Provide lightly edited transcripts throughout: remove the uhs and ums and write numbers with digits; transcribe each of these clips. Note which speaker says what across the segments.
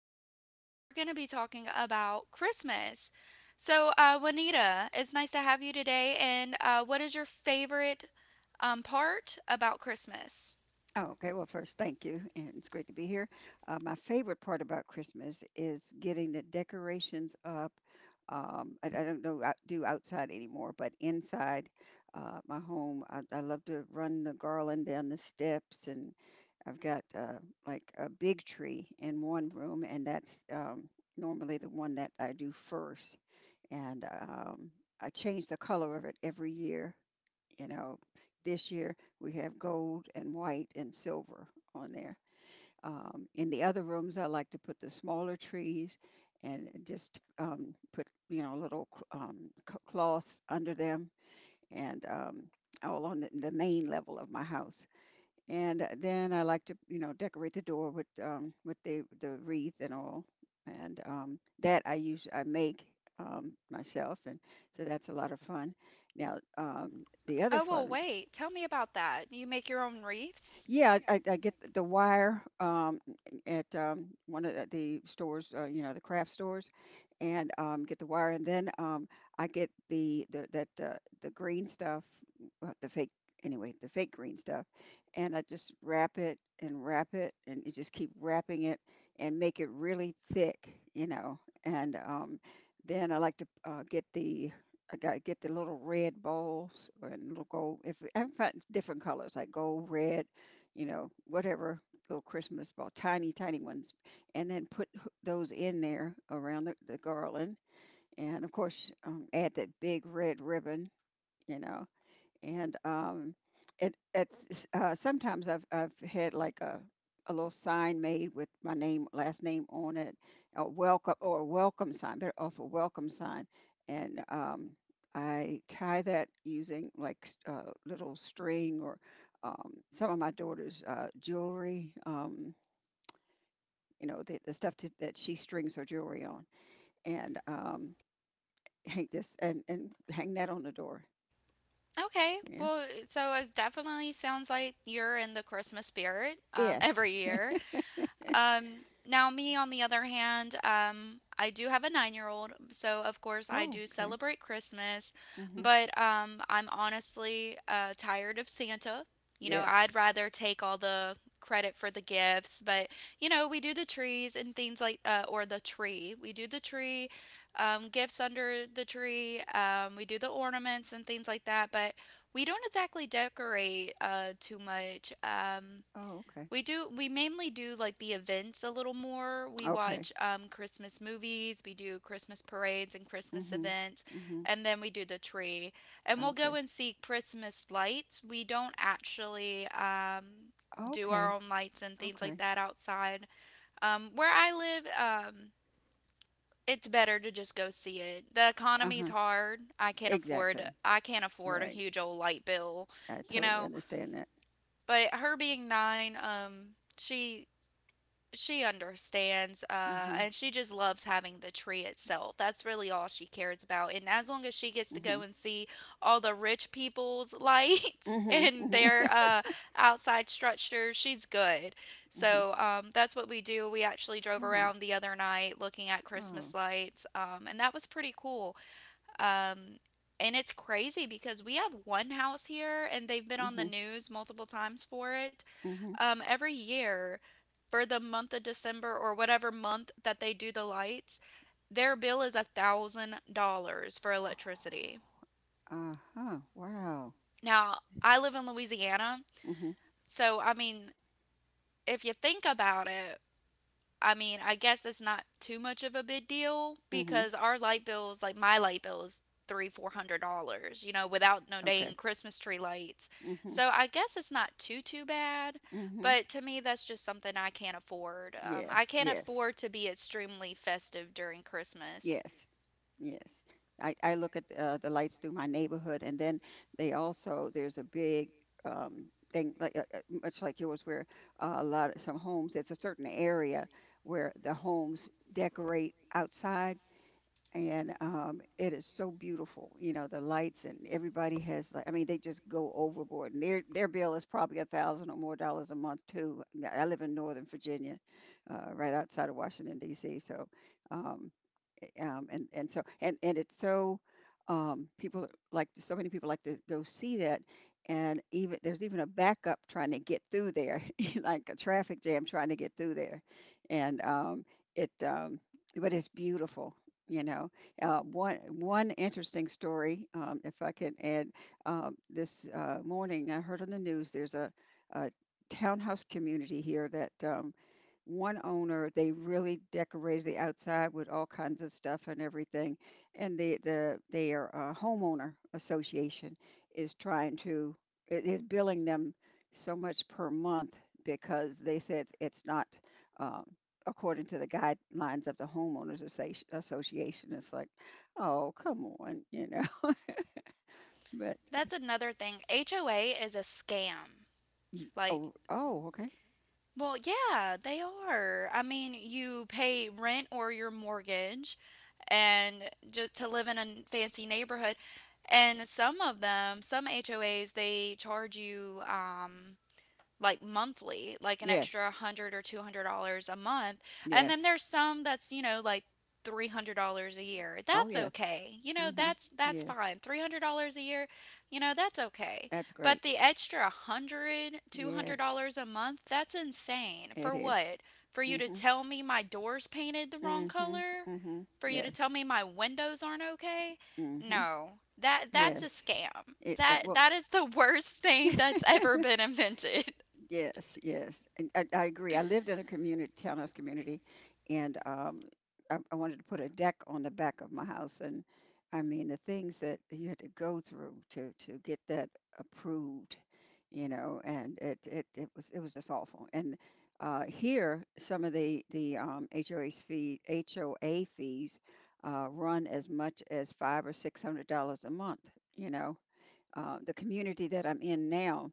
Speaker 1: here today, and we're going to be talking about Christmas. So, Juanita, it's nice to have you today. And what is your favorite part about Christmas?
Speaker 2: Oh, okay. Well, first, thank you, and it's great to be here. My favorite part about Christmas is getting the decorations up. I don't know do outside anymore, but inside my home, I love to run the garland down the steps, and I've got like a big tree in one room, and that's normally the one that I do first, and I change the color of it every year. you know, this year we have gold and white and silver on there. In the other rooms, I like to put the smaller trees and just put, little cloths under them, and all on the main level of my house. And then I like to, decorate the door with the wreath and all. And that I use, I make myself, and so that's a lot of fun. Now, the other
Speaker 1: Oh, well,
Speaker 2: fun.
Speaker 1: wait, tell me about that. You make your own wreaths?
Speaker 2: Yeah, I get the wire at one of the stores, the craft stores, and get the wire, and then I get the green stuff, the the fake green stuff, and I just wrap it, and you just keep wrapping it and make it really thick, you know, and then I like to get the little red balls and little gold. If I find different colors like gold, red, whatever little Christmas ball, tiny, tiny ones, and then put those in there around the garland. And of course, add that big red ribbon, you know, and it it's sometimes I've had like a little sign made with my name last name on it, a welcome or a welcome sign, better off a welcome sign, and I tie that using like little string or some of my daughter's jewelry. You know the stuff to, that she strings her jewelry on, and hang this and hang that on the door.
Speaker 1: Okay,
Speaker 2: Yeah.
Speaker 1: well, so it definitely sounds like you're in the Christmas spirit
Speaker 2: Yes.
Speaker 1: every year. Now, me on the other hand, I do have a 9 year old, so of course I
Speaker 2: Oh,
Speaker 1: do
Speaker 2: okay.
Speaker 1: celebrate Christmas,
Speaker 2: Mm-hmm.
Speaker 1: but I'm honestly tired of Santa. You know,
Speaker 2: Yes.
Speaker 1: I'd rather take all the credit for the gifts, but you know, we do the trees and things like, or the tree. We do the tree, gifts under the tree, we do the ornaments and things like that, but we don't exactly decorate too much. Um,
Speaker 2: Oh, okay.
Speaker 1: we do, we mainly do like the events a little more. We
Speaker 2: Okay.
Speaker 1: watch Christmas movies, we do Christmas parades and Christmas
Speaker 2: Mhm.
Speaker 1: events,
Speaker 2: Mhm.
Speaker 1: and then we do the tree. And we'll go
Speaker 2: Okay.
Speaker 1: and see Christmas lights. We don't actually do our
Speaker 2: Okay.
Speaker 1: own lights and things like
Speaker 2: Okay.
Speaker 1: that outside. Where I live, it's better to just go see it. The economy's
Speaker 2: Uh-huh.
Speaker 1: hard.
Speaker 2: Exactly.
Speaker 1: I can't afford a
Speaker 2: Right.
Speaker 1: huge old light bill,
Speaker 2: I
Speaker 1: you
Speaker 2: totally
Speaker 1: know.
Speaker 2: understand that.
Speaker 1: But her being nine, she she understands
Speaker 2: Mm-hmm.
Speaker 1: and she just loves having the tree itself. That's really all she cares about, and as long as she gets to
Speaker 2: Mm-hmm.
Speaker 1: go and see all the rich people's lights
Speaker 2: Mm-hmm.
Speaker 1: and
Speaker 2: Mm-hmm.
Speaker 1: their outside structures, she's good.
Speaker 2: Mm-hmm.
Speaker 1: So that's what we do. We actually drove
Speaker 2: Oh.
Speaker 1: around the other night looking at
Speaker 2: Oh.
Speaker 1: Christmas lights, and that was pretty cool. um and it's crazy because we have one house here and they've been on the
Speaker 2: Mm-hmm.
Speaker 1: news multiple times for it,
Speaker 2: Mm-hmm.
Speaker 1: every year. For the month of December or whatever month that they do the lights, their bill is $1,000 for
Speaker 2: Oh.
Speaker 1: electricity.
Speaker 2: Uh-huh. Wow.
Speaker 1: Now, I live in Louisiana,
Speaker 2: Mm-hmm.
Speaker 1: so I mean, if you think about it, I mean, I guess it's not too much of a big deal
Speaker 2: Mm-hmm.
Speaker 1: because our light bills, like my light bill is three, $400, you know, without no
Speaker 2: Okay.
Speaker 1: dang Christmas tree lights.
Speaker 2: Mm-hmm.
Speaker 1: So I guess it's not too too bad,
Speaker 2: Mm-hmm.
Speaker 1: but to me that's just something I can't afford. I
Speaker 2: Yes.
Speaker 1: can't
Speaker 2: Yes.
Speaker 1: afford to be extremely festive during Christmas.
Speaker 2: Yes. Yes. I look at the lights through my neighborhood, and then they also there's a big thing like much like yours, where a lot of some homes. It's a certain area where the homes decorate outside, and it is so beautiful. You know, the lights and everybody has like, I mean, they just go overboard, and their bill is probably $1,000 or more a month too. Now, I live in Northern Virginia, right outside of Washington D.C., so. Um, and it's so people like So many people like to go see that, and even there's even a backup trying to get through there, like a traffic jam trying to get through there, and it but it's beautiful. You know, one interesting story, if I can add, this morning I heard on the news there's a townhouse community here that one owner, they really decorated the outside with all kinds of stuff and everything. And their homeowner association is trying to is billing them so much per month because they said it's not um, according to the guidelines of the association. It's like, oh come on. but
Speaker 1: That's another thing. HOA is a scam. Like,
Speaker 2: oh, oh okay,
Speaker 1: well, yeah, they are. I mean, you pay rent or your mortgage and just to live in a fancy neighborhood. And some of them, some HOAs, they charge you like monthly, like an extra
Speaker 2: yes,
Speaker 1: 100 or $200 a month. And then
Speaker 2: yes,
Speaker 1: there's some that's, you know, like $300 a year.
Speaker 2: oh
Speaker 1: That's
Speaker 2: yes,
Speaker 1: okay. You know,
Speaker 2: hmm,
Speaker 1: that's
Speaker 2: yes.
Speaker 1: fine. $300 a year, you know, that's okay.
Speaker 2: That's great.
Speaker 1: But the extra 100, 200
Speaker 2: Yes,
Speaker 1: dollars $200 a month, that's insane.
Speaker 2: it
Speaker 1: For
Speaker 2: is.
Speaker 1: what? For you to
Speaker 2: Mhm.
Speaker 1: tell me my doors painted the wrong
Speaker 2: Mhm.
Speaker 1: color?
Speaker 2: Mhm.
Speaker 1: For you to tell
Speaker 2: Yes.
Speaker 1: me my windows aren't okay?
Speaker 2: Mhm.
Speaker 1: No. That that's a
Speaker 2: Yes.
Speaker 1: scam.
Speaker 2: It that
Speaker 1: That
Speaker 2: well.
Speaker 1: that is the worst thing that's ever been invented.
Speaker 2: Yes, yes. And I agree. I lived in a community, townhouse community, and I wanted to put a deck on the back of my house. And I mean, the things that you had to go through to get that approved, you know, and it was just awful. And here, some of the HOA fees run as much as five or six hundred dollars a month, you know. The community that I'm in now,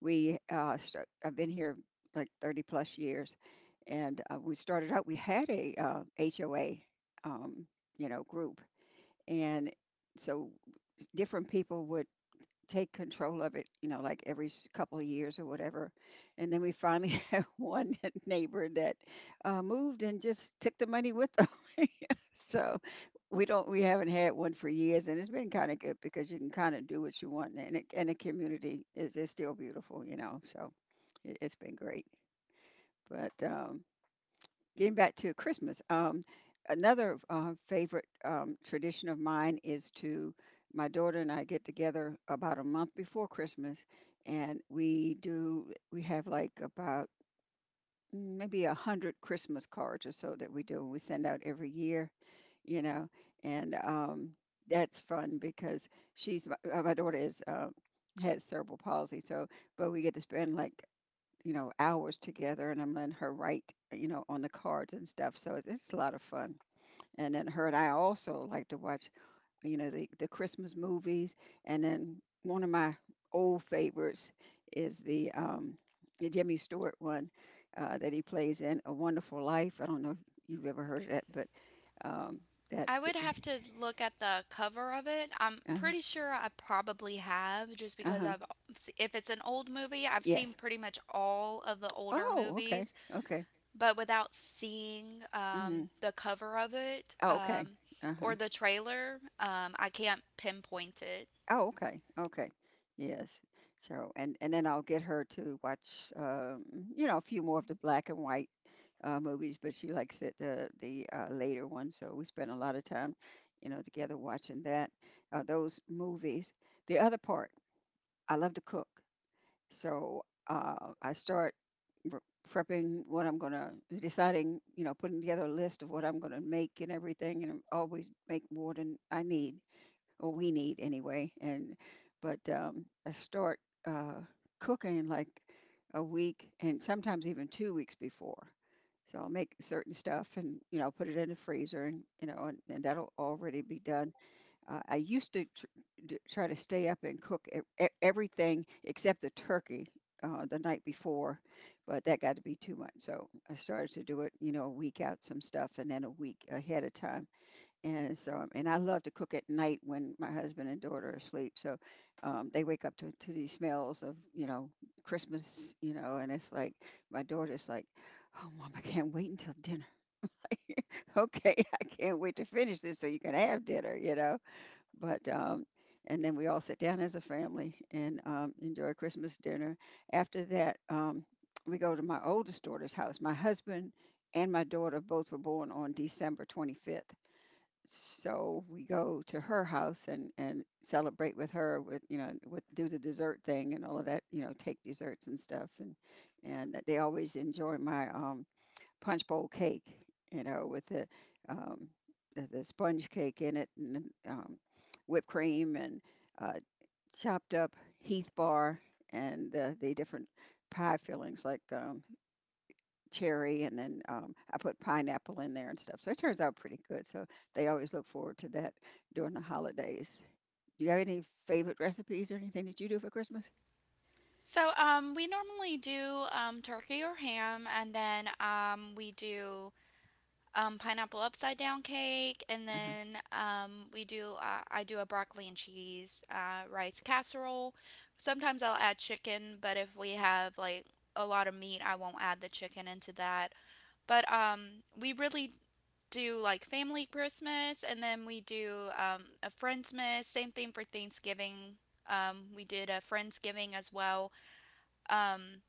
Speaker 2: we I've been here like 30 plus years, and we started out. We had a HOA, um, you know, group, and so different people would take control of it, you know, like every couple of years or whatever. And then we finally had one neighbor that moved and just took the money with them. So we haven't had one for years, and it's been kind of good because you can kind of do what you want, and the community is still beautiful, you know. So it's been great, but getting back to Christmas, another favorite tradition of mine is to, my daughter and I get together about a month before Christmas, and we have like about maybe 100 Christmas cards or so that we do and we send out every year, you know, and that's fun because my daughter is. Has cerebral palsy, so but we get to spend like, you know, hours together, and I'm letting her write, you know, on the cards and stuff. So it's a lot of fun. And then her and I also like to watch, you know, the Christmas movies. And then one of my old favorites is the Jimmy Stewart one that he plays in A Wonderful Life. I don't know if you've ever heard of that, but um, that
Speaker 1: I would have to look at the cover of it. I'm
Speaker 2: uh,
Speaker 1: pretty sure I probably have, just because
Speaker 2: uh-huh.
Speaker 1: I've, if it's an old movie, I've seen
Speaker 2: Yes.
Speaker 1: pretty much all of the older
Speaker 2: Oh, okay.
Speaker 1: movies,
Speaker 2: Okay.
Speaker 1: but without seeing
Speaker 2: Mm-hmm.
Speaker 1: the cover of it,
Speaker 2: Oh, okay. Uh-huh.
Speaker 1: or the trailer, I can't pinpoint it.
Speaker 2: Oh, okay. Okay. Yes. So, and then I'll get her to watch, you know, a few more of the black and white movies, but she likes it the later ones. So we spend a lot of time, you know, together watching that those movies. The other part, I love to cook, so I start r- prepping what I'm gonna, deciding, you know, putting together a list of what I'm gonna make and everything, and I always make more than I need or we need anyway. And but I start uh, cooking like a week and sometimes even 2 weeks before. So I'll make certain stuff and you know put it in the freezer and you know and that'll already be done. I used to try to stay up and cook everything except the turkey the night before, but that got to be too much. So I started to do it, you know, a week out some stuff and then a week ahead of time, and so, and I love to cook at night when my husband and daughter are asleep. So they wake up to these smells of, you know, Christmas, you know, and it's like, my daughter's like, oh, mom, I can't wait until dinner. Okay, I can't wait to finish this so you can have dinner, you know. But, um, and then we all sit down as a family and enjoy Christmas dinner. After that, we go to my oldest daughter's house. My husband and my daughter both were born on December 25th, so we go to her house and celebrate with her with, you know, with do the dessert thing and all of that, you know, take desserts and stuff, and they always enjoy my punch bowl cake, you know, with um the sponge cake in it, and then, whipped cream and uh chopped up heath bar and the different pie fillings like cherry, and then I put pineapple in there and stuff. So it turns out pretty good. So they always look forward to that during the holidays. Do you have any favorite recipes or anything that you do for Christmas?
Speaker 1: So we normally do turkey or ham, and then we do pineapple upside down cake, and
Speaker 2: Uh huh.
Speaker 1: then we do I do a broccoli and cheese rice casserole. Sometimes I'll add chicken, but if we have like a lot of meat, I won't add the chicken into that. But we really do like family Christmas, and then we do a friendsmas. Same thing for Thanksgiving. We did a friendsgiving as well. Um,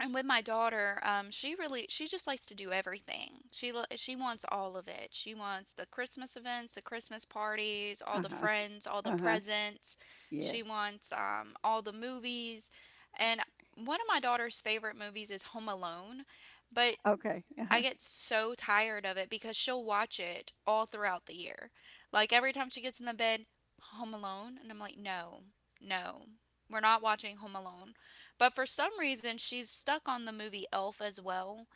Speaker 1: and with my daughter, she just likes to do everything. She wants all of it. She wants the Christmas events, the Christmas parties, all
Speaker 2: Uh
Speaker 1: the
Speaker 2: huh.
Speaker 1: friends, all the
Speaker 2: Uh huh.
Speaker 1: presents. She
Speaker 2: Yes.
Speaker 1: wants all the movies. And one of my daughter's favorite movies is Home Alone, but
Speaker 2: Okay. Uh
Speaker 1: I
Speaker 2: huh.
Speaker 1: get so tired of it because she'll watch it all throughout the year. Like every time she gets in the bed, Home Alone, and I'm like, no, no, we're not watching Home Alone. But for some reason, she's stuck on the movie Elf as well,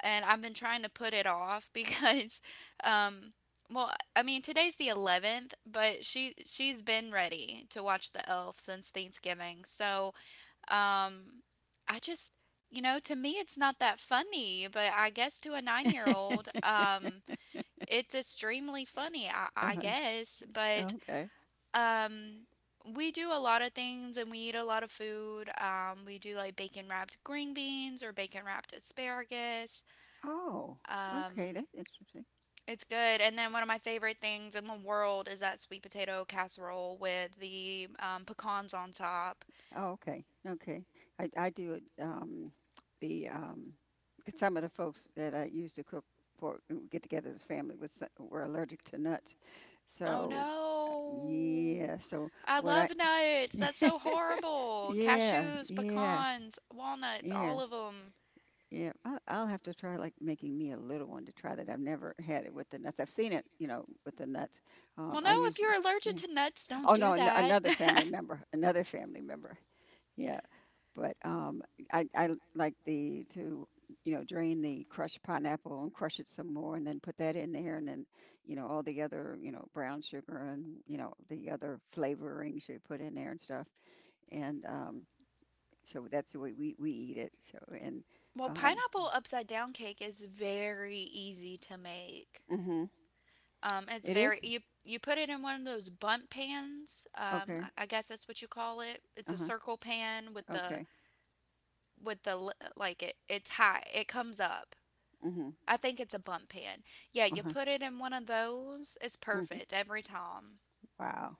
Speaker 1: and I've been trying to put it off because, um, well, I mean today's the 11th, but she's been ready to watch the Elf since Thanksgiving, so. Um, I just, you know, to me it's not that funny, but I guess to a 9 year old, it's extremely funny, I
Speaker 2: Uh-huh.
Speaker 1: guess. But
Speaker 2: Okay.
Speaker 1: um, we do a lot of things and we eat a lot of food. We do like bacon wrapped green beans or bacon wrapped asparagus.
Speaker 2: Oh, okay.
Speaker 1: Um,
Speaker 2: That's interesting.
Speaker 1: it's good. And then one of my favorite things in the world is that sweet potato casserole with the pecans on top.
Speaker 2: Oh, okay, okay. I do it. The 'Cause some of the folks that I used to cook for and get together as family was were allergic to nuts,
Speaker 1: Oh
Speaker 2: so
Speaker 1: no.
Speaker 2: yeah. So
Speaker 1: I
Speaker 2: what I
Speaker 1: love nuts. That's so horrible.
Speaker 2: yeah,
Speaker 1: Cashews,
Speaker 2: yeah,
Speaker 1: pecans, walnuts, all
Speaker 2: yeah,
Speaker 1: of them.
Speaker 2: yeah. I'll have to try like making me a little one to try that. I've never had it with the nuts. I've seen it, you know, with the nuts.
Speaker 1: Well, no,
Speaker 2: I
Speaker 1: if you're
Speaker 2: usually.
Speaker 1: allergic
Speaker 2: Yeah.
Speaker 1: to nuts, don't
Speaker 2: Oh no,
Speaker 1: do that.
Speaker 2: another family member, another family member. Yeah. But I like the to you know drain the crushed pineapple and crush it some more, and then put that in there, and then all the other brown sugar and the other flavorings you put in there and stuff. And so that's the way we eat it. So and
Speaker 1: Well,
Speaker 2: um,
Speaker 1: pineapple upside down cake is very easy to make.
Speaker 2: hmm
Speaker 1: It's
Speaker 2: it
Speaker 1: very
Speaker 2: is
Speaker 1: You you put it in one of those bunt pans.
Speaker 2: okay.
Speaker 1: I guess that's what you call it.
Speaker 2: Uh
Speaker 1: It's a
Speaker 2: huh.
Speaker 1: circle pan with
Speaker 2: Okay.
Speaker 1: the like it it's high. It comes up,
Speaker 2: Mm-hmm.
Speaker 1: I think it's a bump pan. Yeah,
Speaker 2: Uh
Speaker 1: you
Speaker 2: huh.
Speaker 1: put it in one of those, it's
Speaker 2: hmm
Speaker 1: perfect every time.
Speaker 2: Wow.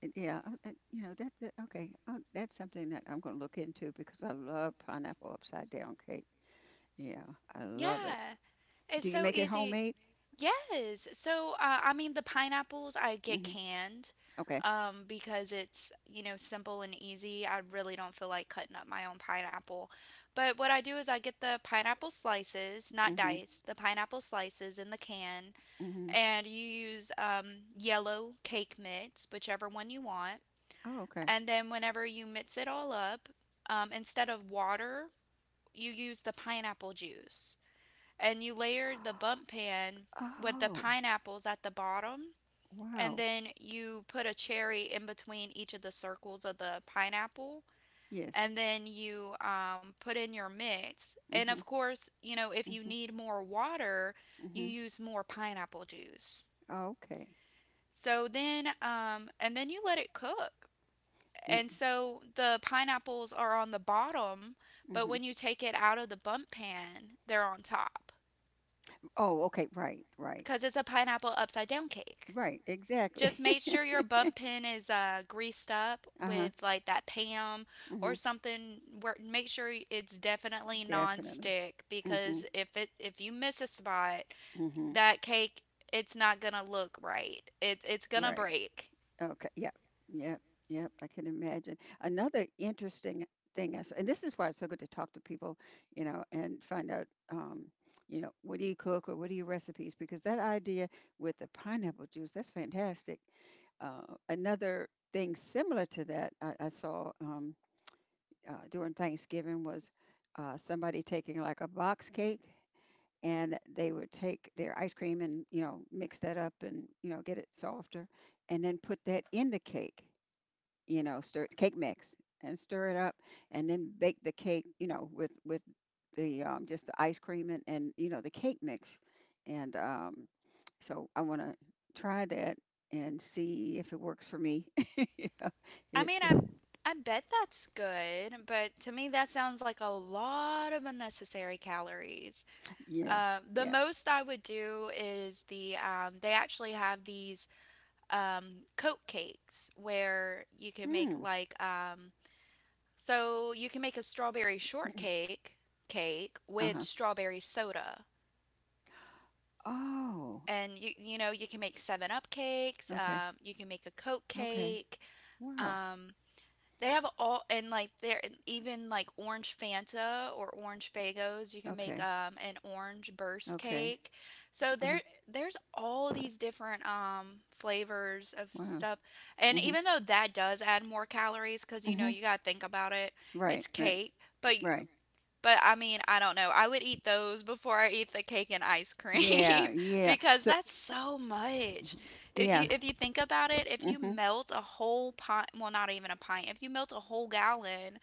Speaker 2: Yeah, I- you know that, okay. That's something that I'm going to look into because I love pineapple upside down cake. Yeah, I love it.
Speaker 1: Yeah, it's
Speaker 2: Do you
Speaker 1: so
Speaker 2: make it
Speaker 1: easy.
Speaker 2: homemade?
Speaker 1: Yes. So, I mean, the pineapples I get
Speaker 2: Hmm
Speaker 1: canned
Speaker 2: Okay.
Speaker 1: because it's, you know, simple and easy. I really don't feel like cutting up my own pineapple. But what I do is I get the pineapple slices, not
Speaker 2: hmm
Speaker 1: diced, the pineapple slices in the can,
Speaker 2: hmm
Speaker 1: and you use yellow cake mix, whichever one you want.
Speaker 2: Oh, okay.
Speaker 1: And then whenever you mix it all up, instead of water, you use the pineapple juice. And you layer the bump pan with the
Speaker 2: Oh,
Speaker 1: pineapples at the bottom. And
Speaker 2: wow.
Speaker 1: then you put a cherry in between each of the circles of the pineapple.
Speaker 2: Yes.
Speaker 1: And then you put in your mix. And
Speaker 2: hmm
Speaker 1: of course, you know, if you
Speaker 2: hmm
Speaker 1: need more water, you
Speaker 2: hmm
Speaker 1: use more pineapple juice.
Speaker 2: Okay.
Speaker 1: So then, and then you let it cook, and so the pineapples are on the bottom, but
Speaker 2: hmm
Speaker 1: when you take it out of the bump pan, they're on top
Speaker 2: Oh, okay. Right. Right.
Speaker 1: because it's a pineapple upside down cake.
Speaker 2: Right.
Speaker 1: Just
Speaker 2: Exactly.
Speaker 1: make sure your bump pan is greased up
Speaker 2: uh huh.
Speaker 1: with like that Pam
Speaker 2: hmm
Speaker 1: or something. Where make sure it's definitely
Speaker 2: Definitely.
Speaker 1: nonstick
Speaker 2: Hmm
Speaker 1: because if you miss a spot,
Speaker 2: hmm
Speaker 1: that cake it's not gonna look right. It's gonna
Speaker 2: Right.
Speaker 1: break.
Speaker 2: Okay. Yep. Yep. Yep. I can imagine. Another interesting thing I saw, and this is why it's so good to talk to people, you know, and find out, you know, what do you cook or what are your recipes? Because that idea with the pineapple juice, that's fantastic. Another thing similar to that I saw during Thanksgiving was somebody taking like a box cake and they would take their ice cream and mix that up and get it softer and then put that in the cake, stir cake mix and stir it up, and then bake the cake with the just the ice cream and the cake mix and so I want to try that and see if it works for me. Yeah,
Speaker 1: I
Speaker 2: it,
Speaker 1: mean, I bet that's good, but to me that sounds like a lot of unnecessary calories.
Speaker 2: yeah
Speaker 1: The
Speaker 2: yeah
Speaker 1: most I would do is the they actually have these coat cakes where you can make
Speaker 2: mm,
Speaker 1: like so you can make a strawberry shortcake cake with
Speaker 2: uh-huh
Speaker 1: strawberry soda.
Speaker 2: oh
Speaker 1: And you know you can make Seven Up cakes.
Speaker 2: okay
Speaker 1: You can make a Coke
Speaker 2: okay
Speaker 1: cake.
Speaker 2: wow
Speaker 1: um, They have all and like they're even like orange Fanta or orange Fagos. You can make
Speaker 2: okay
Speaker 1: an orange burst
Speaker 2: okay
Speaker 1: cake. So
Speaker 2: uh-huh.
Speaker 1: there's all these different flavors of
Speaker 2: Wow.
Speaker 1: stuff. And
Speaker 2: Mhm.
Speaker 1: even though that does add more calories because you know
Speaker 2: Mhm.
Speaker 1: you gotta think about it,
Speaker 2: Right.
Speaker 1: it's
Speaker 2: Right.
Speaker 1: cake. But
Speaker 2: Right.
Speaker 1: but I mean, I don't know, I would eat those before I eat the cake and ice
Speaker 2: Yeah.
Speaker 1: cream
Speaker 2: Yeah.
Speaker 1: because
Speaker 2: So.
Speaker 1: that's so much.
Speaker 2: Yeah.
Speaker 1: If you think about it, if you
Speaker 2: Mhm.
Speaker 1: melt a whole pint, well, not even a pint. If you melt a whole gallon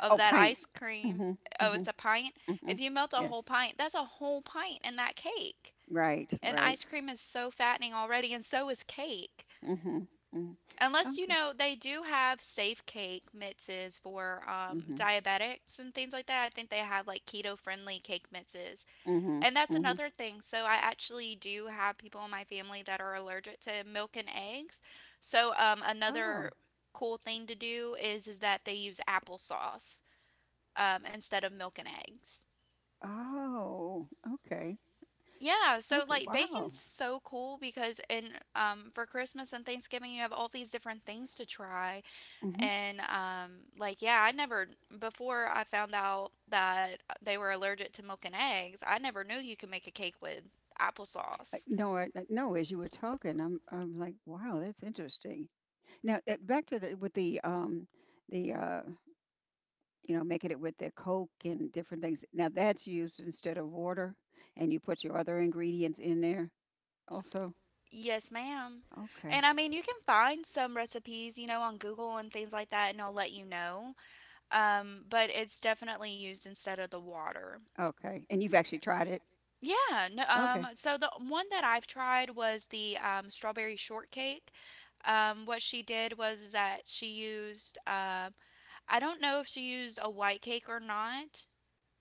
Speaker 1: of
Speaker 2: Oh,
Speaker 1: that
Speaker 2: paint.
Speaker 1: ice cream,
Speaker 2: Mhm.
Speaker 1: oh, it's
Speaker 2: Mhm.
Speaker 1: a pint.
Speaker 2: Mhm.
Speaker 1: If you melt a
Speaker 2: Yes.
Speaker 1: whole pint, that's a whole pint in that cake.
Speaker 2: Right.
Speaker 1: And
Speaker 2: Right.
Speaker 1: ice cream is so fattening already, and so is cake.
Speaker 2: Mhm. Mhm.
Speaker 1: Unless you
Speaker 2: Okay.
Speaker 1: know they do have safe cake mixes for
Speaker 2: Mhm.
Speaker 1: diabetics and things like that. I think they have like keto friendly cake mixes,
Speaker 2: Mhm.
Speaker 1: and that's
Speaker 2: Mhm.
Speaker 1: another thing. So I actually do have people in my family that are allergic to milk and eggs. So
Speaker 2: Oh.
Speaker 1: another cool thing to do is that they use applesauce instead of milk and eggs.
Speaker 2: Oh. Okay.
Speaker 1: Yeah, so
Speaker 2: Okay.
Speaker 1: like
Speaker 2: Wow.
Speaker 1: bacon's so cool because in for Christmas and Thanksgiving you have all these different things to try.
Speaker 2: Mhm.
Speaker 1: And like, yeah, I never, before I found out that they were allergic to milk and eggs, I never knew you could make a cake with applesauce.
Speaker 2: No, no. As you were talking, I'm like, wow, that's interesting. Now, back to the with the you know, making it with the Coke and different things. Now that's used instead of water, and you put your other ingredients in there also?
Speaker 1: Yes, ma'am. And
Speaker 2: Okay.
Speaker 1: I mean, you can find some recipes, you know, on Google and things like that, and they'll let you know. But it's definitely used instead of the water.
Speaker 2: Okay. And you've actually tried it?
Speaker 1: Yeah, no,
Speaker 2: Okay.
Speaker 1: so the one that I've tried was the strawberry shortcake. What she did was that she used I don't know if she used a white cake or not,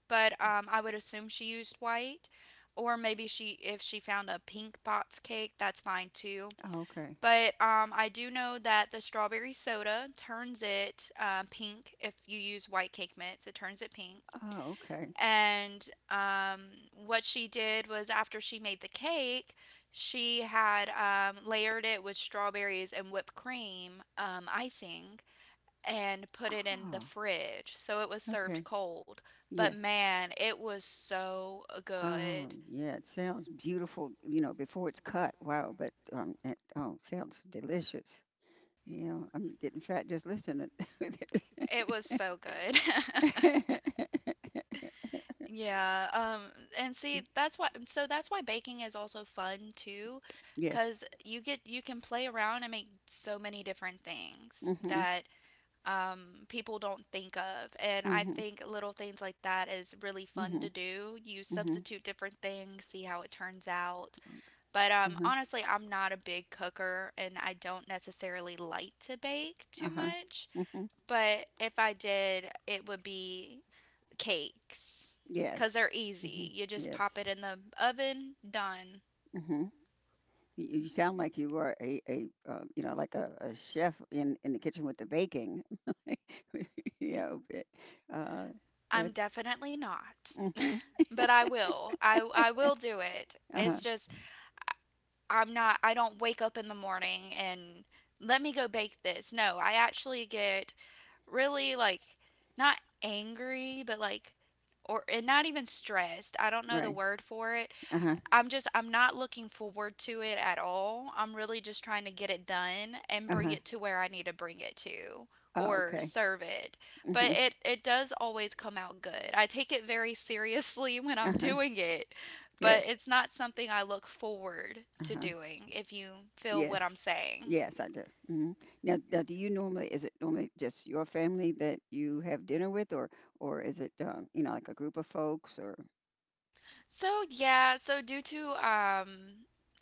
Speaker 1: but I would assume she used white. Or maybe she, if she found a pink box cake, that's fine too.
Speaker 2: Oh, okay.
Speaker 1: But I do know that the strawberry soda turns it pink. If you use white cake mix, it turns it pink.
Speaker 2: Oh, okay.
Speaker 1: And what she did was, after she made the cake, she had layered it with strawberries and whipped cream icing and put it in the
Speaker 2: Oh,
Speaker 1: fridge. So it was
Speaker 2: okay.
Speaker 1: served cold. But
Speaker 2: Yes.
Speaker 1: man, it was so
Speaker 2: Oh,
Speaker 1: good.
Speaker 2: yeah. It sounds beautiful, you know, before it's cut. Wow. Sounds delicious. You know, I'm getting fat just listening.
Speaker 1: It was so good. Yeah, and see, that's why, so that's why baking is also fun too,
Speaker 2: Yes.
Speaker 1: because you can play around and make so many different things
Speaker 2: hmm
Speaker 1: that people don't think of. And I
Speaker 2: Mhm.
Speaker 1: think little things like that is really fun to
Speaker 2: Mhm.
Speaker 1: do. You
Speaker 2: Mhm.
Speaker 1: substitute different things, see how it turns out.
Speaker 2: Okay.
Speaker 1: But
Speaker 2: Mhm.
Speaker 1: honestly, I'm not a big cooker and I don't necessarily like to bake too
Speaker 2: Uh-huh.
Speaker 1: much.
Speaker 2: Mhm.
Speaker 1: But if I did, it would be cakes
Speaker 2: Yes.
Speaker 1: because they're easy.
Speaker 2: Mhm.
Speaker 1: You just
Speaker 2: Yes.
Speaker 1: pop it in the oven, done.
Speaker 2: Mhm. You sound like you are a, a chef in the kitchen with the baking. Yeah, uh,
Speaker 1: I'm
Speaker 2: that's
Speaker 1: definitely not,
Speaker 2: Mhm.
Speaker 1: but I will. I will do it.
Speaker 2: Uh-huh.
Speaker 1: It's just, I don't wake up in the morning and let me go bake this. No, I actually get really like not angry, but like or and not even stressed. I don't know the
Speaker 2: Right.
Speaker 1: word for it.
Speaker 2: Uh-huh.
Speaker 1: I'm not looking forward to it at all. I'm really just trying to get it done and bring
Speaker 2: Uh-huh.
Speaker 1: it to where I need to bring it to
Speaker 2: Oh,
Speaker 1: or
Speaker 2: okay.
Speaker 1: serve it. But
Speaker 2: Mhm.
Speaker 1: it does always come out good. I take it very seriously when I'm
Speaker 2: Uh-huh.
Speaker 1: doing it, but
Speaker 2: Yes.
Speaker 1: it's not something I look forward
Speaker 2: Uh
Speaker 1: to
Speaker 2: huh.
Speaker 1: doing, if you feel what
Speaker 2: Yes.
Speaker 1: I'm saying.
Speaker 2: Yes, I do. Hmm Now, now, do you normally, is it normally just your family that you have dinner with, or is it, like a group of folks, or?
Speaker 1: So yeah, so due to um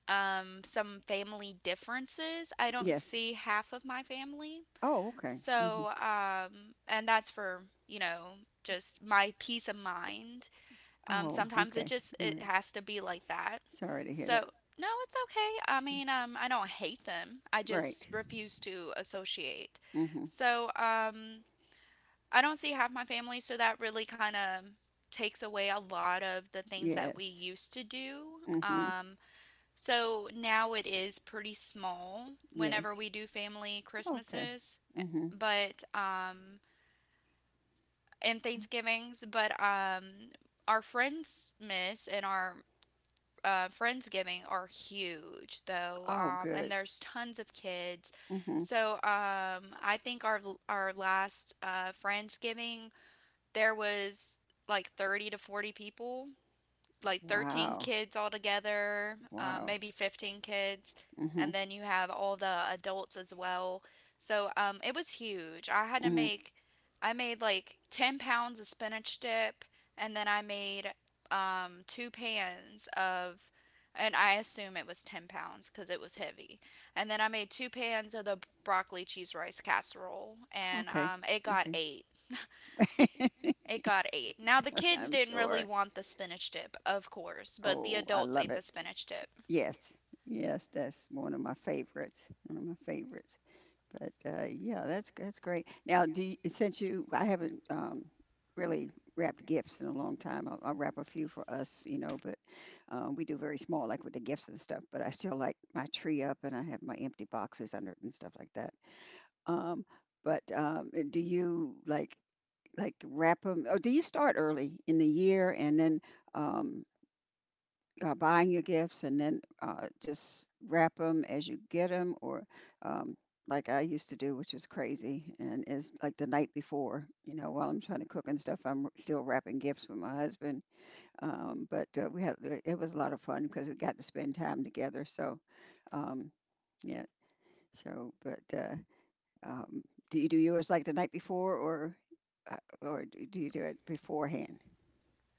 Speaker 1: um some family differences, I don't
Speaker 2: Yes.
Speaker 1: see half of my family.
Speaker 2: Oh, okay. hmm
Speaker 1: So and that's for, you know, just my peace of mind.
Speaker 2: Oh,
Speaker 1: Sometimes it
Speaker 2: okay.
Speaker 1: just
Speaker 2: All
Speaker 1: it
Speaker 2: right.
Speaker 1: has to be like that.
Speaker 2: Sorry to hear that.
Speaker 1: So no, it's okay. I mean, I don't hate them. I
Speaker 2: Right.
Speaker 1: just refuse to associate.
Speaker 2: Mm-hmm.
Speaker 1: So I don't see half my family, so that really kind of takes away a lot of the things that we
Speaker 2: Yes.
Speaker 1: used to do.
Speaker 2: Mm-hmm.
Speaker 1: So now it is pretty small whenever
Speaker 2: Yes.
Speaker 1: we do family
Speaker 2: Okay.
Speaker 1: Christmases,
Speaker 2: Mm-hmm.
Speaker 1: but and Thanksgivings, but our friends miss and our friendsgiving are huge though,
Speaker 2: Oh,
Speaker 1: and
Speaker 2: good.
Speaker 1: there's tons of kids.
Speaker 2: Mm-hmm.
Speaker 1: So I think our last friendsgiving there was like 30 to 40 people, like 13
Speaker 2: Wow.
Speaker 1: kids altogether,
Speaker 2: Wow.
Speaker 1: maybe 15 kids,
Speaker 2: Mhm.
Speaker 1: and then you have all the adults as well. So it was huge. I had to
Speaker 2: Mhm.
Speaker 1: make, I made like 10 pounds of spinach dip, and then I made two pans of, and I assume it was 10 pounds because it was heavy. And then I made two pans of the broccoli cheese rice casserole, and
Speaker 2: Okay.
Speaker 1: it got
Speaker 2: Okay.
Speaker 1: eight. It got eight. Now, the kids
Speaker 2: I'm
Speaker 1: didn't really
Speaker 2: sure.
Speaker 1: want the spinach dip, of course, but the
Speaker 2: Oh, I
Speaker 1: adults
Speaker 2: love
Speaker 1: ate the
Speaker 2: it.
Speaker 1: spinach dip.
Speaker 2: Yes. Yes, that's one of my favorites. One of my favorites. Yeah, that's great. Now, do you, since you, I haven't really wrapped gifts in a long time. I'll wrap a few for us, you know, but we do very small, like with the gifts and stuff. But I still like my tree up, and I have my empty boxes under it and stuff like that. Um, but do you like wrap them, or do you start early in the year and then um, buying your gifts and then just wrap them as you get them, or um, like I used to do, which is crazy, and is like the night before. You know, while I'm trying to cook and stuff, I'm still wrapping gifts with my husband. But we had it was a lot of fun because we got to spend time together. So, um, yeah. So, but um, do you do yours like the night before, or do do you do it beforehand?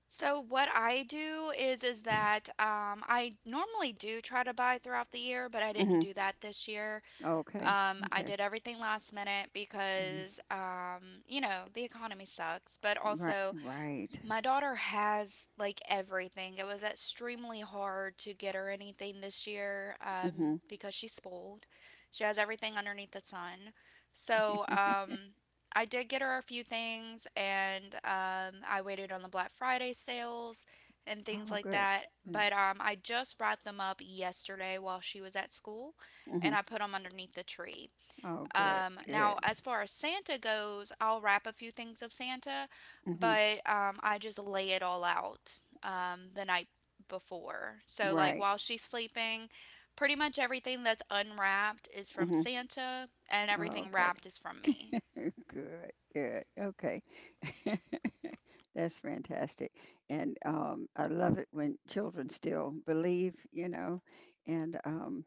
Speaker 1: So what I do is that I normally do try to buy throughout the year, but I didn't
Speaker 2: Hmm
Speaker 1: do that this year.
Speaker 2: Okay.
Speaker 1: I
Speaker 2: Okay.
Speaker 1: did everything last minute
Speaker 2: Mhm.
Speaker 1: because you know, the economy sucks, but
Speaker 2: Right.
Speaker 1: also
Speaker 2: Right.
Speaker 1: my daughter has like everything. It was extremely hard to get her anything this year
Speaker 2: Mm-hmm.
Speaker 1: because she's spoiled. She has everything underneath the sun. So, I did get her a few things, and I waited on the Black Friday sales and things
Speaker 2: Oh,
Speaker 1: like
Speaker 2: good.
Speaker 1: that.
Speaker 2: Mm.
Speaker 1: But I just brought them up yesterday while she was at school,
Speaker 2: Mm-hmm.
Speaker 1: and I put them underneath the tree.
Speaker 2: Oh, good.
Speaker 1: Now,
Speaker 2: Good.
Speaker 1: as far as Santa goes, I'll wrap a few things of Santa,
Speaker 2: Mm-hmm.
Speaker 1: but I just lay it all out the night before. So, like,
Speaker 2: Right.
Speaker 1: while she's sleeping, pretty much everything that's unwrapped is from
Speaker 2: Mm-hmm.
Speaker 1: Santa, and
Speaker 2: Oh,
Speaker 1: everything
Speaker 2: okay.
Speaker 1: wrapped is from me.
Speaker 2: Good. Good. Okay. That's fantastic. And I love it when children still believe, you know, and um,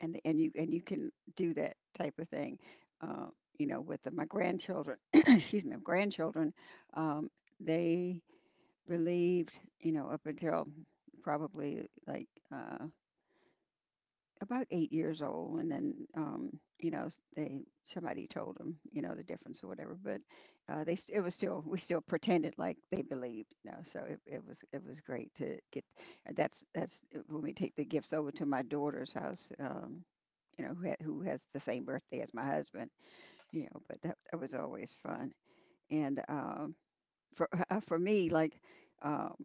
Speaker 2: and and you can do that type of thing, uh, my grandchildren. Excuse me, my grandchildren. Um, they believed, you know, up until probably like. Uh, about 8 years old, and then you know they somebody told them you know the difference or whatever, but it was still we still pretended like they believed, you know, so it, it was great to get that's when we take the gifts over to my daughter's house, you know, who has the same birthday as my husband, you know, but that, that was always fun and for for me like um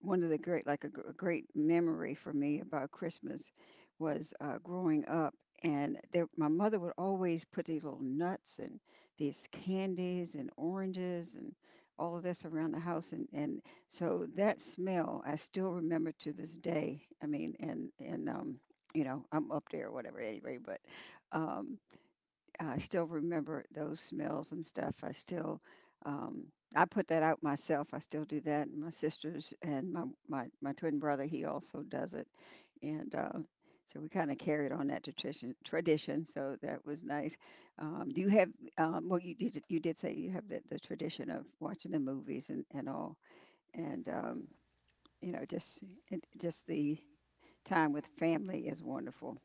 Speaker 2: one of the great a great memory for me about Christmas was, growing up and there, my mother would always put these little nuts and these candies and oranges and all of this around the house, and so that smell I still remember to this day. I mean and You know, I'm up there or whatever anyway, but um I still remember those smells and stuff. I still, um, I put that out myself. I still do that. And my sisters and my twin brother, he also does it, and so we kind of carried on that tradition. Tradition, so that was nice. Do you have? Well, you did say you have the tradition of watching the movies and all, and you know just it, just the time with family is wonderful.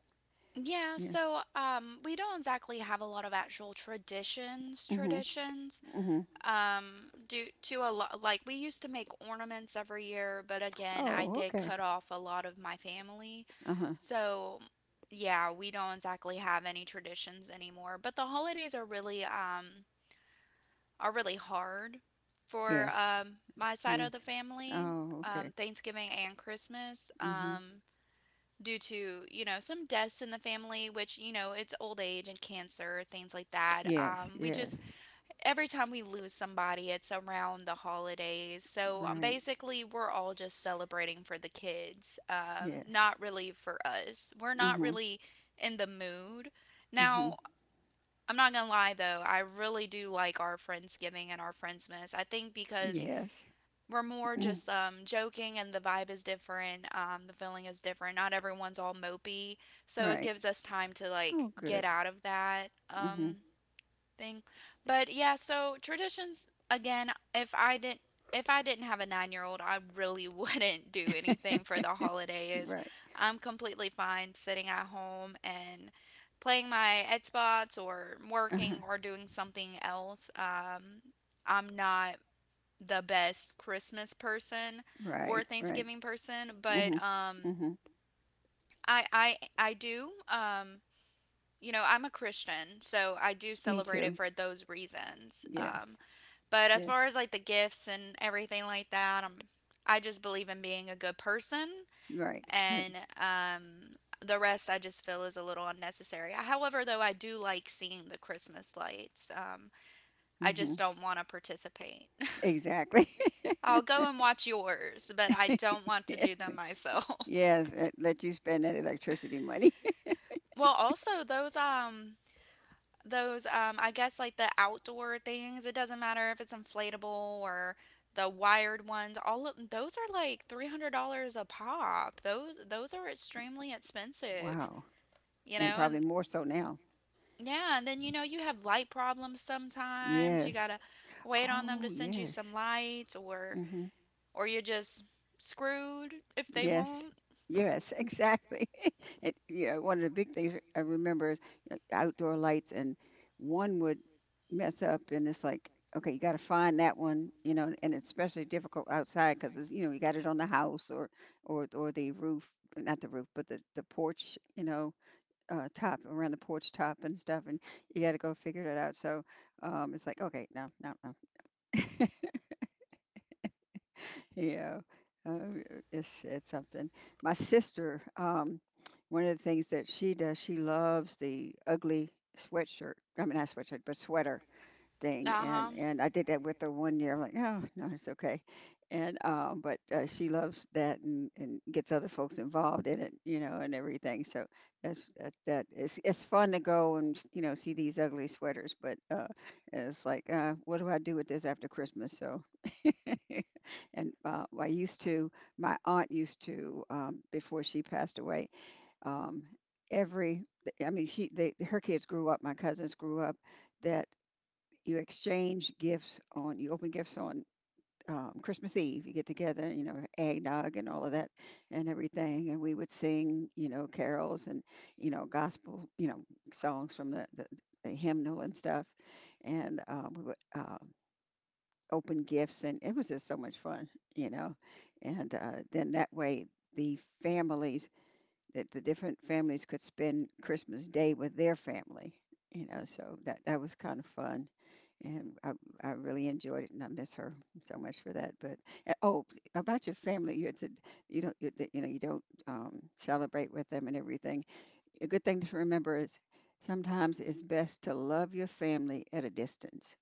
Speaker 1: Yeah,
Speaker 2: Yeah.
Speaker 1: so we don't exactly have a lot of actual traditions,
Speaker 2: Mhm.
Speaker 1: traditions.
Speaker 2: Mhm.
Speaker 1: Due to a lot, like we used to make ornaments every year, but again, I
Speaker 2: Oh,
Speaker 1: did
Speaker 2: okay.
Speaker 1: cut off a lot of my family.
Speaker 2: Uh huh.
Speaker 1: So, yeah, we don't exactly have any traditions anymore. But the holidays are really are really hard for
Speaker 2: Yes.
Speaker 1: my side
Speaker 2: Yeah.
Speaker 1: of the family.
Speaker 2: Oh, okay.
Speaker 1: Thanksgiving and Christmas.
Speaker 2: Mhm.
Speaker 1: Due to, you know, some deaths in the family, which, you know, it's old age and cancer, things like that,
Speaker 2: Yes,
Speaker 1: we just
Speaker 2: yes.
Speaker 1: every time we lose somebody it's around the holidays, so
Speaker 2: Right.
Speaker 1: basically we're all just celebrating for the kids,
Speaker 2: Yes.
Speaker 1: not really for us. We're not
Speaker 2: Mhm.
Speaker 1: really in the mood
Speaker 2: Mhm.
Speaker 1: now. I'm not gonna lie though, I really do like our friendsgiving and our friendsmas. I think because
Speaker 2: Yes.
Speaker 1: we're more just joking and the vibe is different, the feeling is different, not everyone's all mopey, so it
Speaker 2: Right.
Speaker 1: gives us time to like
Speaker 2: Oh,
Speaker 1: get
Speaker 2: good.
Speaker 1: out of that,
Speaker 2: Mhm.
Speaker 1: thing. But yeah, so traditions again, if I didn't have a 9 year old, I really wouldn't do anything for the holidays.
Speaker 2: Right.
Speaker 1: I'm completely fine sitting at home and playing my Xbox or working
Speaker 2: Uh-huh.
Speaker 1: or doing something else, I'm not the best Christmas person or
Speaker 2: Right, right.
Speaker 1: Thanksgiving person, but
Speaker 2: Mhm. Mhm.
Speaker 1: I do. You know, I'm a Christian, so I do
Speaker 2: Me
Speaker 1: celebrate it
Speaker 2: too.
Speaker 1: for those reasons.
Speaker 2: Yes.
Speaker 1: But as
Speaker 2: Yes.
Speaker 1: far as like the gifts and everything like that, I'm I just believe in being a good person,
Speaker 2: Right. Right.
Speaker 1: and um, the rest I just feel is a little unnecessary. However, though, I do like seeing the Christmas lights. I
Speaker 2: Mhm.
Speaker 1: just don't want to participate.
Speaker 2: Exactly.
Speaker 1: I'll go and watch yours, but I don't want to
Speaker 2: Yes.
Speaker 1: do them myself.
Speaker 2: Yes, it let you spend that electricity money.
Speaker 1: Well, also those those I guess like the outdoor things, it doesn't matter if it's inflatable or the wired ones, all of those are like $300 a pop. Those are extremely expensive,
Speaker 2: Wow.
Speaker 1: you
Speaker 2: And
Speaker 1: know, and
Speaker 2: probably more so now.
Speaker 1: yeah, and then you know you have light problems sometimes. You
Speaker 2: Yes.
Speaker 1: gotta wait on them
Speaker 2: Oh,
Speaker 1: to send you
Speaker 2: yes.
Speaker 1: some lights,
Speaker 2: hmm
Speaker 1: or you're just screwed if they
Speaker 2: Yes.
Speaker 1: won't.
Speaker 2: Yes, exactly. It, you know, one of the big things I remember is you know, outdoor lights, and one would mess up, and it's like, okay, you got to find that one, you know, and it's especially difficult outside because it's, you know, you got it on the house or or the roof, not the roof, but the porch, you know, top around the porch top and stuff, and you got to go figure that out. So it's like, okay, no, no, no. Yeah, oh, it's something. My sister, one of the things that she does, she loves the ugly sweatshirt. I mean, not sweatshirt, but sweater thing.
Speaker 1: Uh huh.
Speaker 2: And I did that with her one year. I'm like, oh no, it's okay. And but she loves that and gets other folks involved in it, you know, and everything. So that's that that is it's fun to go and you know see these ugly sweaters, but it's like, what do I do with this after Christmas? So. And I used to, my aunt used to, before she passed away, um, every, I mean, she, they, her kids grew up, my cousins grew up, that you exchange gifts on, you open gifts on Christmas Eve. You get together, you know, eggnog and all of that and everything. And we would sing, you know, carols and, you know, gospel, you know, songs from the hymnal and stuff. And we would, open gifts and it was just so much fun, you know, and then that way the families the different families could spend Christmas Day with their family, you know, so that that was kind of fun. and I, I really enjoyed it, and I miss her so much for that. But oh About your family, you had said you don't you, you know you don't celebrate with them and everything, a good thing to remember is sometimes it's best to love your family at a distance,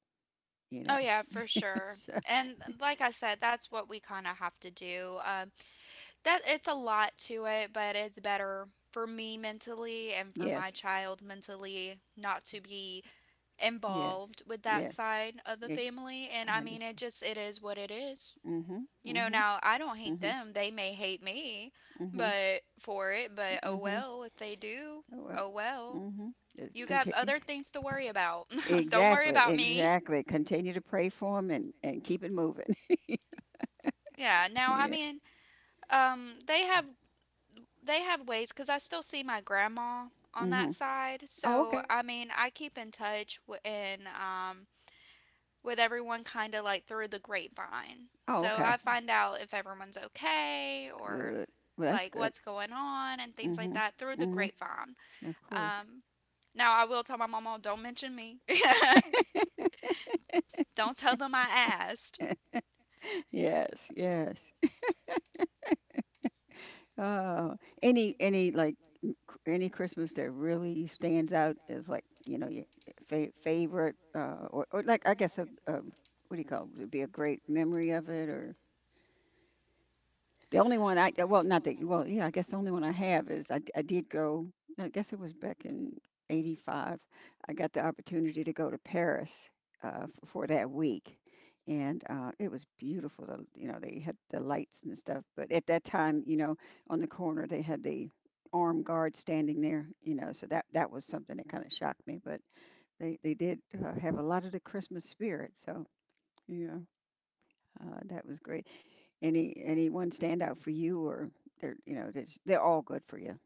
Speaker 2: you know.
Speaker 1: Oh yeah, for sure.
Speaker 2: So
Speaker 1: And like I said, that's what we kind of have to do. That it's a lot to it, but it's better for me mentally and for my
Speaker 2: yes.
Speaker 1: child mentally not to be
Speaker 2: Yes.
Speaker 1: involved with that
Speaker 2: Yes.
Speaker 1: side of the
Speaker 2: Eg-
Speaker 1: family. And I
Speaker 2: I
Speaker 1: mean, it
Speaker 2: understand.
Speaker 1: just it is what it is.
Speaker 2: Mhm.
Speaker 1: You know,
Speaker 2: Mhm.
Speaker 1: now I don't hate
Speaker 2: Mhm.
Speaker 1: them. They may hate me,
Speaker 2: Mhm.
Speaker 1: but for it, but oh
Speaker 2: Mhm.
Speaker 1: well, if they do,
Speaker 2: Oh, well.
Speaker 1: oh well.
Speaker 2: Mhm. Just
Speaker 1: You got
Speaker 2: continue.
Speaker 1: other things to worry about. Don't worry
Speaker 2: Exactly.
Speaker 1: about me.
Speaker 2: Exactly. Continue to pray for him and keep it moving.
Speaker 1: Yeah, now I
Speaker 2: Yeah.
Speaker 1: mean Um, they have they have ways because I still see my grandma on that
Speaker 2: Mhm.
Speaker 1: side.
Speaker 2: Oh, okay.
Speaker 1: So I mean, I keep in touch and with everyone kind of like through the grapevine.
Speaker 2: Oh,
Speaker 1: So I
Speaker 2: okay.
Speaker 1: find out if everyone's okay or
Speaker 2: Good. Well, that's
Speaker 1: like
Speaker 2: good.
Speaker 1: what's going on and things like
Speaker 2: Mhm.
Speaker 1: that through the
Speaker 2: Mhm.
Speaker 1: grapevine.
Speaker 2: Of course.
Speaker 1: Um, Now I will tell my mama, don't mention me. Don't tell them I asked.
Speaker 2: Yes. Yes. Oh, any like m- cr- any Christmas that really stands out is like you know your favorite, or like I guess a, what do you call it? Would it be a great memory of it? Or the only one I well, not the well, yeah, I guess the only one I have is I did go. I guess it was back in '85. I got the opportunity to go to Paris for that week, and it was beautiful. You know, they had the lights and stuff. But at that time, you know, on the corner they had the armed guard standing there. You know, so that was something that kind of shocked me. But they did have a lot of the Christmas spirit. So yeah, that was great. Any one stand out for you? Or they're you know they're all good for you.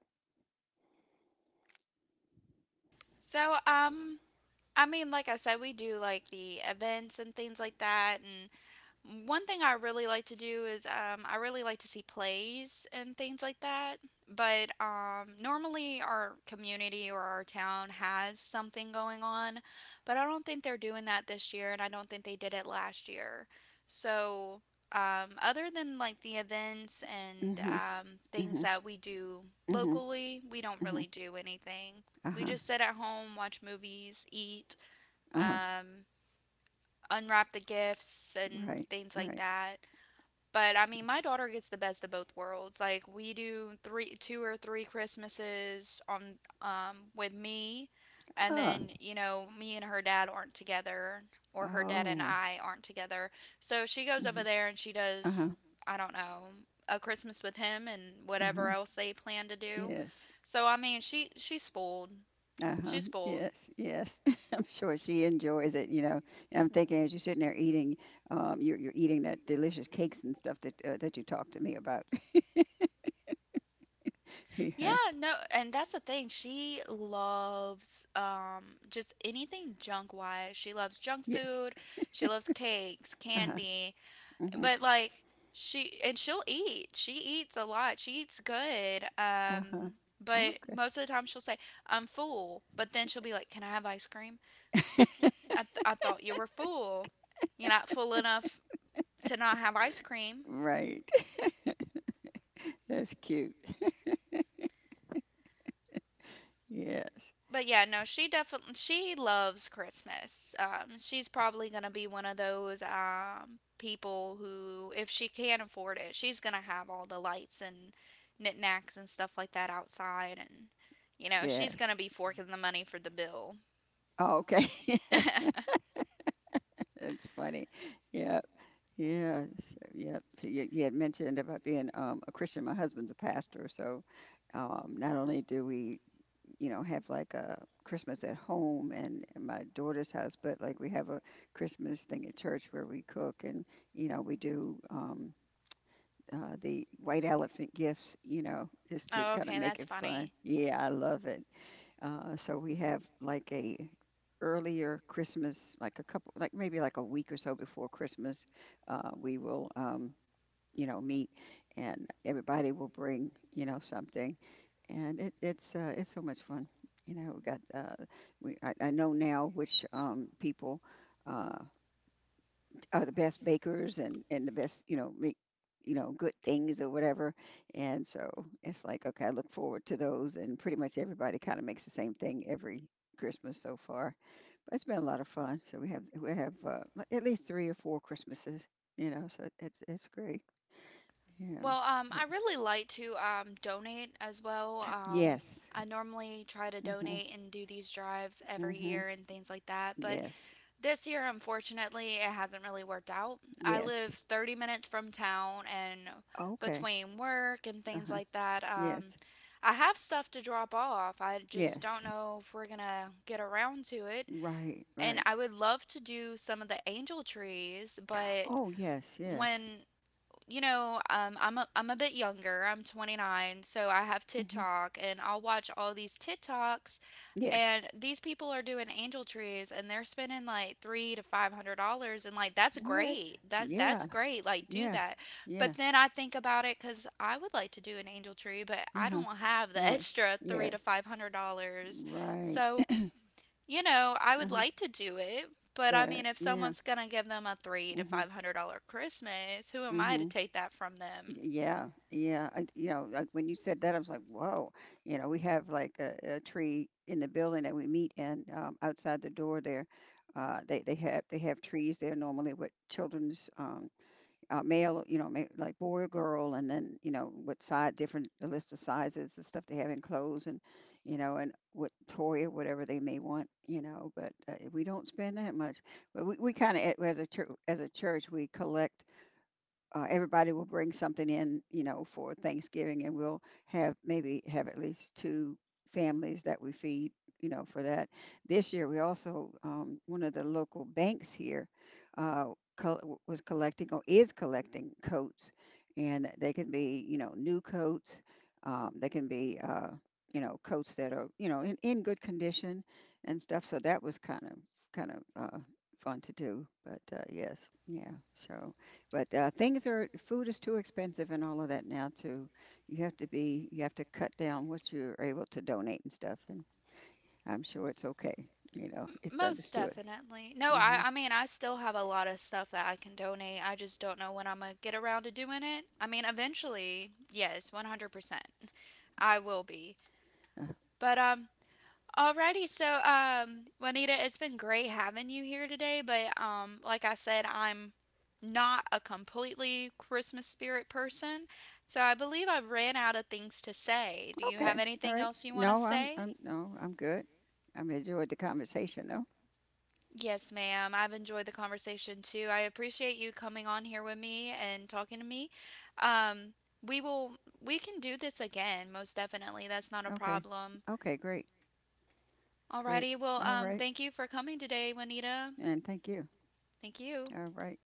Speaker 1: So I mean, like I said, we do like the events and things like that, and one thing I really like to do is I really like to see plays and things like that. But normally our community or our town has something going on, but I don't think they're doing that this year, and I don't think they did it last year. So, other than like the events and
Speaker 2: Mhm.
Speaker 1: things
Speaker 2: Mhm.
Speaker 1: that we do
Speaker 2: Mhm.
Speaker 1: locally, we don't really
Speaker 2: Mhm.
Speaker 1: do anything.
Speaker 2: Uh
Speaker 1: We
Speaker 2: huh.
Speaker 1: just sit at home, watch movies, eat,
Speaker 2: Uh huh.
Speaker 1: um, unwrap the gifts, and
Speaker 2: Right.
Speaker 1: things like
Speaker 2: Right.
Speaker 1: that. But I mean, my daughter gets the best of both worlds. Like we do three, two or three Christmases on with me, and
Speaker 2: Ah.
Speaker 1: then you know me and her dad aren't together, or her dad and
Speaker 2: Oh.
Speaker 1: I aren't together. So she goes over
Speaker 2: Mhm.
Speaker 1: there and she
Speaker 2: Uh
Speaker 1: does,
Speaker 2: huh.
Speaker 1: I don't know, a Christmas with him and
Speaker 2: Uh
Speaker 1: whatever
Speaker 2: huh.
Speaker 1: else they plan to do.
Speaker 2: Yes.
Speaker 1: So I mean, she's spoiled.
Speaker 2: Uh huh.
Speaker 1: She's spoiled.
Speaker 2: Yes. Yes. I'm sure she enjoys it. And I'm thinking as you're sitting there eating, you're eating that delicious cakes and stuff that that you talked to me about.
Speaker 1: Yeah,
Speaker 2: Yeah.
Speaker 1: no, and that's the thing. She loves just anything junk wise. She loves junk
Speaker 2: Yes.
Speaker 1: food, she loves cakes,
Speaker 2: Uh huh.
Speaker 1: candy,
Speaker 2: Mhm.
Speaker 1: but like she'll eat. She eats a lot. She eats good.
Speaker 2: Uh huh.
Speaker 1: But
Speaker 2: Okay.
Speaker 1: most of the time she'll say, "I'm full." But then she'll be like, "Can I have ice cream?" I thought you were full. You're not full enough to not have ice cream.
Speaker 2: Right. That's cute. Yes.
Speaker 1: But yeah, no, she definitely she loves Christmas. She's probably gonna be one of those people who, if she can afford it, she's gonna have all the lights and knickknacks and stuff like that outside, and you know she's gonna
Speaker 2: Yes.
Speaker 1: be forking the money for the bill.
Speaker 2: Oh, okay. That's funny. Yeah. Yeah. So, yeah. So you had mentioned about being a Christian. My husband's a pastor. So not only do we, you know, have like a Christmas at home and in my daughter's house, but like we have a Christmas thing at church where we cook, and, you know, we do the white elephant gifts, you know, just to
Speaker 1: Oh,
Speaker 2: kind of
Speaker 1: okay,
Speaker 2: make
Speaker 1: that's
Speaker 2: it fun.
Speaker 1: funny.
Speaker 2: Yeah. I love it. So we have like a earlier Christmas, like a couple, like maybe like a week or so before Christmas, we will, you know, meet, and everybody will bring, you know, something, and it's so much fun. You know, we got we I know now which people Uh, are the best bakers, and the best, you know, make, you know, good things or whatever. And so it's like, okay, I look forward to those, and pretty much everybody kind of makes the same thing every Christmas so far, but it's been a lot of fun. So we have at least three or four Christmases, you know, so it's great. Yeah.
Speaker 1: Well,
Speaker 2: But
Speaker 1: I really like to donate as well.
Speaker 2: yes.
Speaker 1: I normally try to
Speaker 2: Mhm.
Speaker 1: donate and do these drives every
Speaker 2: Mhm.
Speaker 1: year and things like that. But
Speaker 2: Yes.
Speaker 1: this year, unfortunately, it hasn't really worked out. I
Speaker 2: Yes.
Speaker 1: live 30 minutes from town, and
Speaker 2: Okay.
Speaker 1: between work and things
Speaker 2: Uh-huh.
Speaker 1: like that,
Speaker 2: Yes.
Speaker 1: I have stuff to drop off. I just don't
Speaker 2: Yes.
Speaker 1: know if we're gonna get around to it.
Speaker 2: Right.
Speaker 1: And
Speaker 2: Right.
Speaker 1: I would love to do some of the angel trees, but
Speaker 2: Oh yes.
Speaker 1: when
Speaker 2: Yes.
Speaker 1: you know, I'm a bit younger. I'm 29, so I have
Speaker 2: Mhm.
Speaker 1: TikTok, and I'll watch all these TikToks,
Speaker 2: Yes.
Speaker 1: and these people are doing angel trees, and they're spending like three to five hundred dollars, and like that's
Speaker 2: What?
Speaker 1: great. That that's
Speaker 2: Yeah,
Speaker 1: great. Like do
Speaker 2: yeah,
Speaker 1: that, but
Speaker 2: yeah.
Speaker 1: then I think about it because I would like to do an angel tree, but I
Speaker 2: Uh-huh.
Speaker 1: don't have the
Speaker 2: Yes,
Speaker 1: extra three to
Speaker 2: yes.
Speaker 1: five hundred dollars.
Speaker 2: Right.
Speaker 1: So you know, I would
Speaker 2: Uh-huh.
Speaker 1: like to do it, but I
Speaker 2: But
Speaker 1: mean, if
Speaker 2: yeah.
Speaker 1: someone's gonna give them a three to
Speaker 2: Mm-hmm.
Speaker 1: five hundred dollar Christmas, who am I to
Speaker 2: Mm-hmm.
Speaker 1: take that from them?
Speaker 2: Yeah, yeah. You know, like when you said that, I was like, whoa. You know, we have like a tree in the building that we meet in, outside the door there. They have trees there normally with children's, male, you know, like boy or girl, and then you know what size, different a list of sizes and stuff they have in clothes, and you know, and what toy or whatever they may want, you know. But we don't spend that much. But we kind of, as a church, we collect everybody will bring something in, you know, for Thanksgiving, and we'll have maybe have at least two families that we feed, you know, for that. This year, we also, one of the local banks here uh, was collecting, or is collecting, coats, and they can be, you know, new coats. They can be, you know, coats that are, you know, in good condition and stuff. So that was kind of fun to do. But yes, yeah, so. But, things are, food is too expensive and all of that now too. You have to be, you have to cut down what you're able to donate and stuff, and I'm sure it's okay, you know, it's
Speaker 1: Most
Speaker 2: understood.
Speaker 1: definitely. No,
Speaker 2: Mhm.
Speaker 1: I mean, I still have a lot of stuff that I can donate. I just don't know when I'm gonna get around to doing it. I mean, eventually, yes, 100%. I will be.
Speaker 2: Uh,
Speaker 1: But Alrighty, so Juanita, it's been great having you here today, but like I said, I'm not a completely Christmas spirit person, so I believe I ran out of things to say. Do you have
Speaker 2: okay, all
Speaker 1: anything
Speaker 2: right.
Speaker 1: else you want to
Speaker 2: No,
Speaker 1: say?
Speaker 2: I'm no, I'm good. I'm enjoyed the conversation though.
Speaker 1: Yes, ma'am. I've enjoyed the conversation too. I appreciate you coming on here with me and talking to me. Um, we will, we can do this again, most definitely. That's not a
Speaker 2: Okay.
Speaker 1: problem.
Speaker 2: Okay, great. Great.
Speaker 1: Alrighty, well,
Speaker 2: All right.
Speaker 1: thank you for coming today, Juanita.
Speaker 2: And thank you.
Speaker 1: Thank you.
Speaker 2: All right.